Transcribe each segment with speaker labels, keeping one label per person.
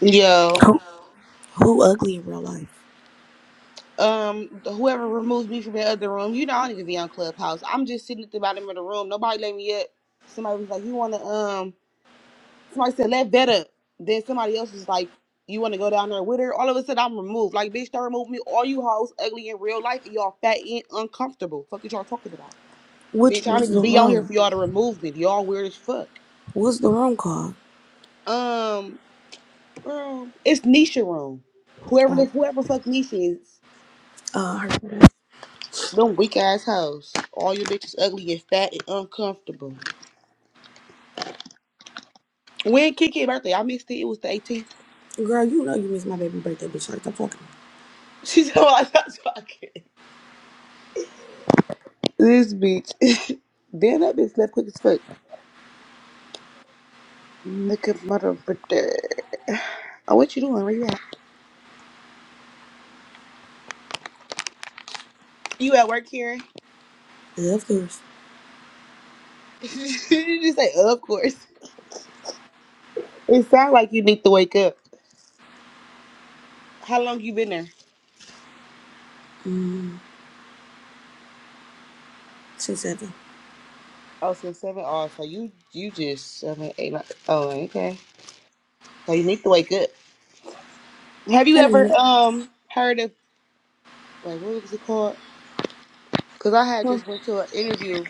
Speaker 1: Yo,
Speaker 2: Who, who ugly in real life?
Speaker 1: um, whoever removed me from the other room, you know I don't need to be on Clubhouse. I'm just sitting at the bottom of the room. Nobody let me up. Somebody was like, "You want to?" Um, somebody said, "Let vet up." Then somebody else was like, "You want to go down there with her?" All of a sudden, I'm removed. Like, bitch, don't remove me. All you hoes ugly in real life. and Y'all fat and uncomfortable. Fuck is y'all talking about? Bitch,
Speaker 2: Which
Speaker 1: I don't
Speaker 2: was the
Speaker 1: even be on here for
Speaker 2: room?
Speaker 1: y'all to remove me. Y'all weird as fuck.
Speaker 2: What's the room called?
Speaker 1: Um, girl, it's Nisha room. Whoever the
Speaker 2: Oh,
Speaker 1: whoever fuck Nisha is,
Speaker 2: uh, her birthday.
Speaker 1: Them weak ass hoes. All your bitches ugly and fat and uncomfortable. When Kiki birthday, I missed it. It was the 18th.
Speaker 2: Girl, you know you missed my baby birthday, bitch. Like, I'm talking.
Speaker 1: She said, "Well, I stopped This bitch. Damn, that bitch left quick as fuck. Look at mother birthday. Oh, what you doing? Where you at? You at work, Karen?
Speaker 2: Yeah, of course.
Speaker 1: you just say, of course. It sounds like you need to wake up. How long you been there?
Speaker 2: Mm, six, seven.
Speaker 1: Oh, since seven. Oh, so you you just seven, eight, nine. Oh, okay. So you need to wake up. Have you
Speaker 2: In a
Speaker 1: ever
Speaker 2: minute.
Speaker 1: um heard of wait, what was it called? Cause I had
Speaker 2: Huh.
Speaker 1: just went to an interview,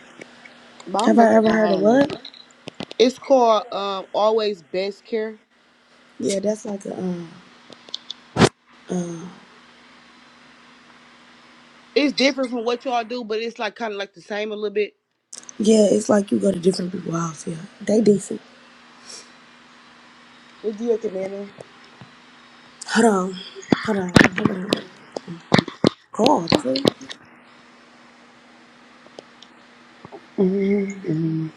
Speaker 1: but I don't
Speaker 2: Have
Speaker 1: know if
Speaker 2: I
Speaker 1: they're
Speaker 2: ever
Speaker 1: gonna
Speaker 2: heard of
Speaker 1: hire me.
Speaker 2: what?
Speaker 1: It's called um Always Best Care.
Speaker 2: Yeah, that's like a, um, uh,
Speaker 1: It's different from what y'all do, but it's like kind of like the same a little bit.
Speaker 2: yeah, it's like you go to different people's house. Yeah, they decent.
Speaker 1: Would you recommend them?
Speaker 2: Hold on. Hold on. Hold on. Call.
Speaker 1: Mm-hmm.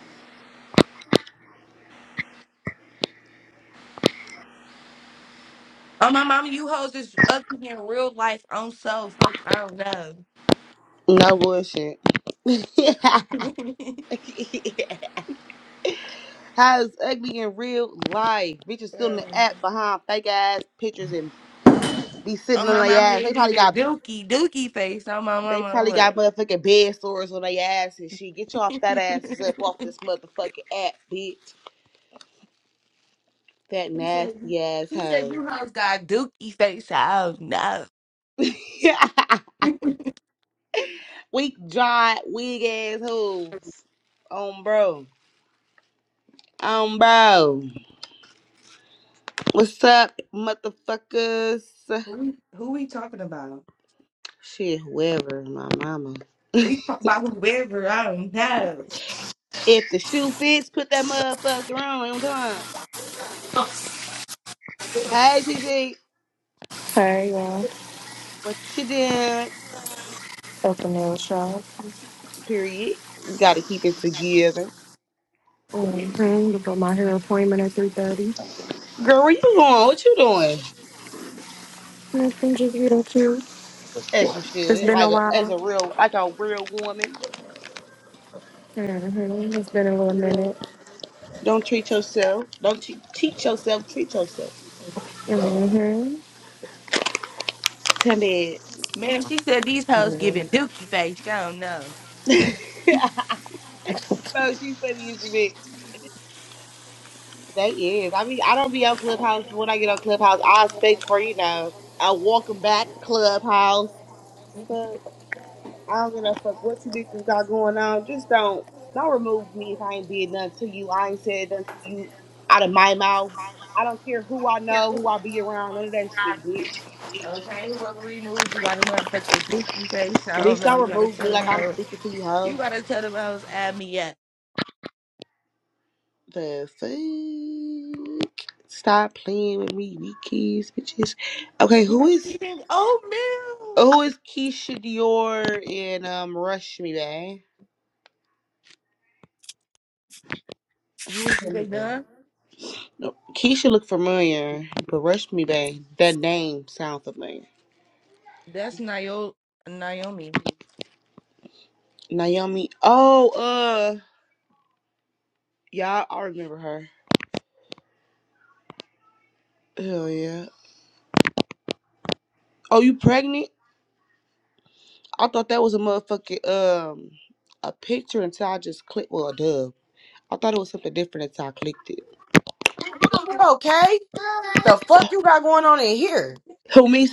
Speaker 3: Oh my mama, you hoes is up in real life on so fuck I don't know.
Speaker 1: No bullshit. How is ugly in real life? Bitches still in the
Speaker 3: Um,
Speaker 1: app behind fake ass pictures and be
Speaker 3: oh
Speaker 1: sitting on
Speaker 3: my
Speaker 1: their
Speaker 3: mama,
Speaker 1: ass.
Speaker 3: they
Speaker 1: They
Speaker 3: give
Speaker 1: probably
Speaker 3: it
Speaker 1: got
Speaker 3: dookie dookie face. Oh my
Speaker 1: they
Speaker 3: mama,
Speaker 1: probably got
Speaker 3: what?
Speaker 1: motherfucking bed sores on their ass and shit. Get y'all fat asses up off this motherfucking app, bitch. That
Speaker 3: he said,
Speaker 1: nasty ass
Speaker 3: he said
Speaker 1: hoe.
Speaker 3: you hoes got dookie face. I don't know.
Speaker 1: Weak jaw, wig ass hoes. Um, bro. Um, bro. What's up, motherfuckers?
Speaker 3: Who we, who we talking about?
Speaker 1: Shit, whoever, my mama.
Speaker 3: We talk about whoever. I don't know.
Speaker 1: If the shoe fits, put that motherfucker on. You know what I'm talking about? Hey, TJ,
Speaker 4: Hey, y'all.
Speaker 1: what you doing?
Speaker 4: At the nail shop.
Speaker 1: Period. You gotta keep it together.
Speaker 4: Mm-hmm. To put my hair appointment at 3.30.
Speaker 1: Girl, where you going? What you doing?
Speaker 4: Nothing, just getting cute.
Speaker 1: As you
Speaker 4: It's
Speaker 1: should,
Speaker 4: been a
Speaker 1: like a, as
Speaker 4: while.
Speaker 1: a real, like a real woman.
Speaker 4: hmm It's been a little minute.
Speaker 1: Don't treat yourself. Don't te- teach yourself. Treat yourself.
Speaker 4: mm hmm
Speaker 1: Come in.
Speaker 3: Man, she said these hoes giving dookie face. I don't know.
Speaker 1: Bro, she funny as a bitch. They is. I mean, I don't be on Clubhouse. but When I get on Clubhouse, I expect for, you know, a welcome back Clubhouse. Fuck. I don't give a fuck what you bitches got going on. Just don't, don't remove me if I ain't did nothing to you. I ain't said nothing to you out of my mouth. I don't care who I know, who I be around, none of that shit, bitch.
Speaker 3: Okay, whoever removed you got a motherfucking dookie face. I
Speaker 1: Bitch,
Speaker 3: don't know.
Speaker 1: don't
Speaker 3: You gotta
Speaker 1: remove me
Speaker 3: tell
Speaker 1: like I'm
Speaker 3: them
Speaker 1: speaking to you, hoe.
Speaker 3: You gotta tell them I was at me yet.
Speaker 1: The fuck? Stop playing with me, weak keys, bitches. Okay, who
Speaker 3: You're
Speaker 1: is
Speaker 3: eating
Speaker 1: who
Speaker 3: oatmeal.
Speaker 1: is Keisha Dior and um Rush Me Bay? Who is
Speaker 3: Is
Speaker 1: that
Speaker 3: they
Speaker 1: people?
Speaker 3: done?
Speaker 1: No, Keisha look familiar, but Rush Me Bay, that name sounds familiar.
Speaker 3: That's Nio- Naomi.
Speaker 1: Naomi. Oh, uh, yeah, I I remember her. Hell yeah. Oh, you pregnant? I thought that was a motherfucking um a picture until I just clicked. Well, a dub. I thought it was something different until I clicked it.
Speaker 5: Okay? The fuck you got going on in here?
Speaker 1: Who me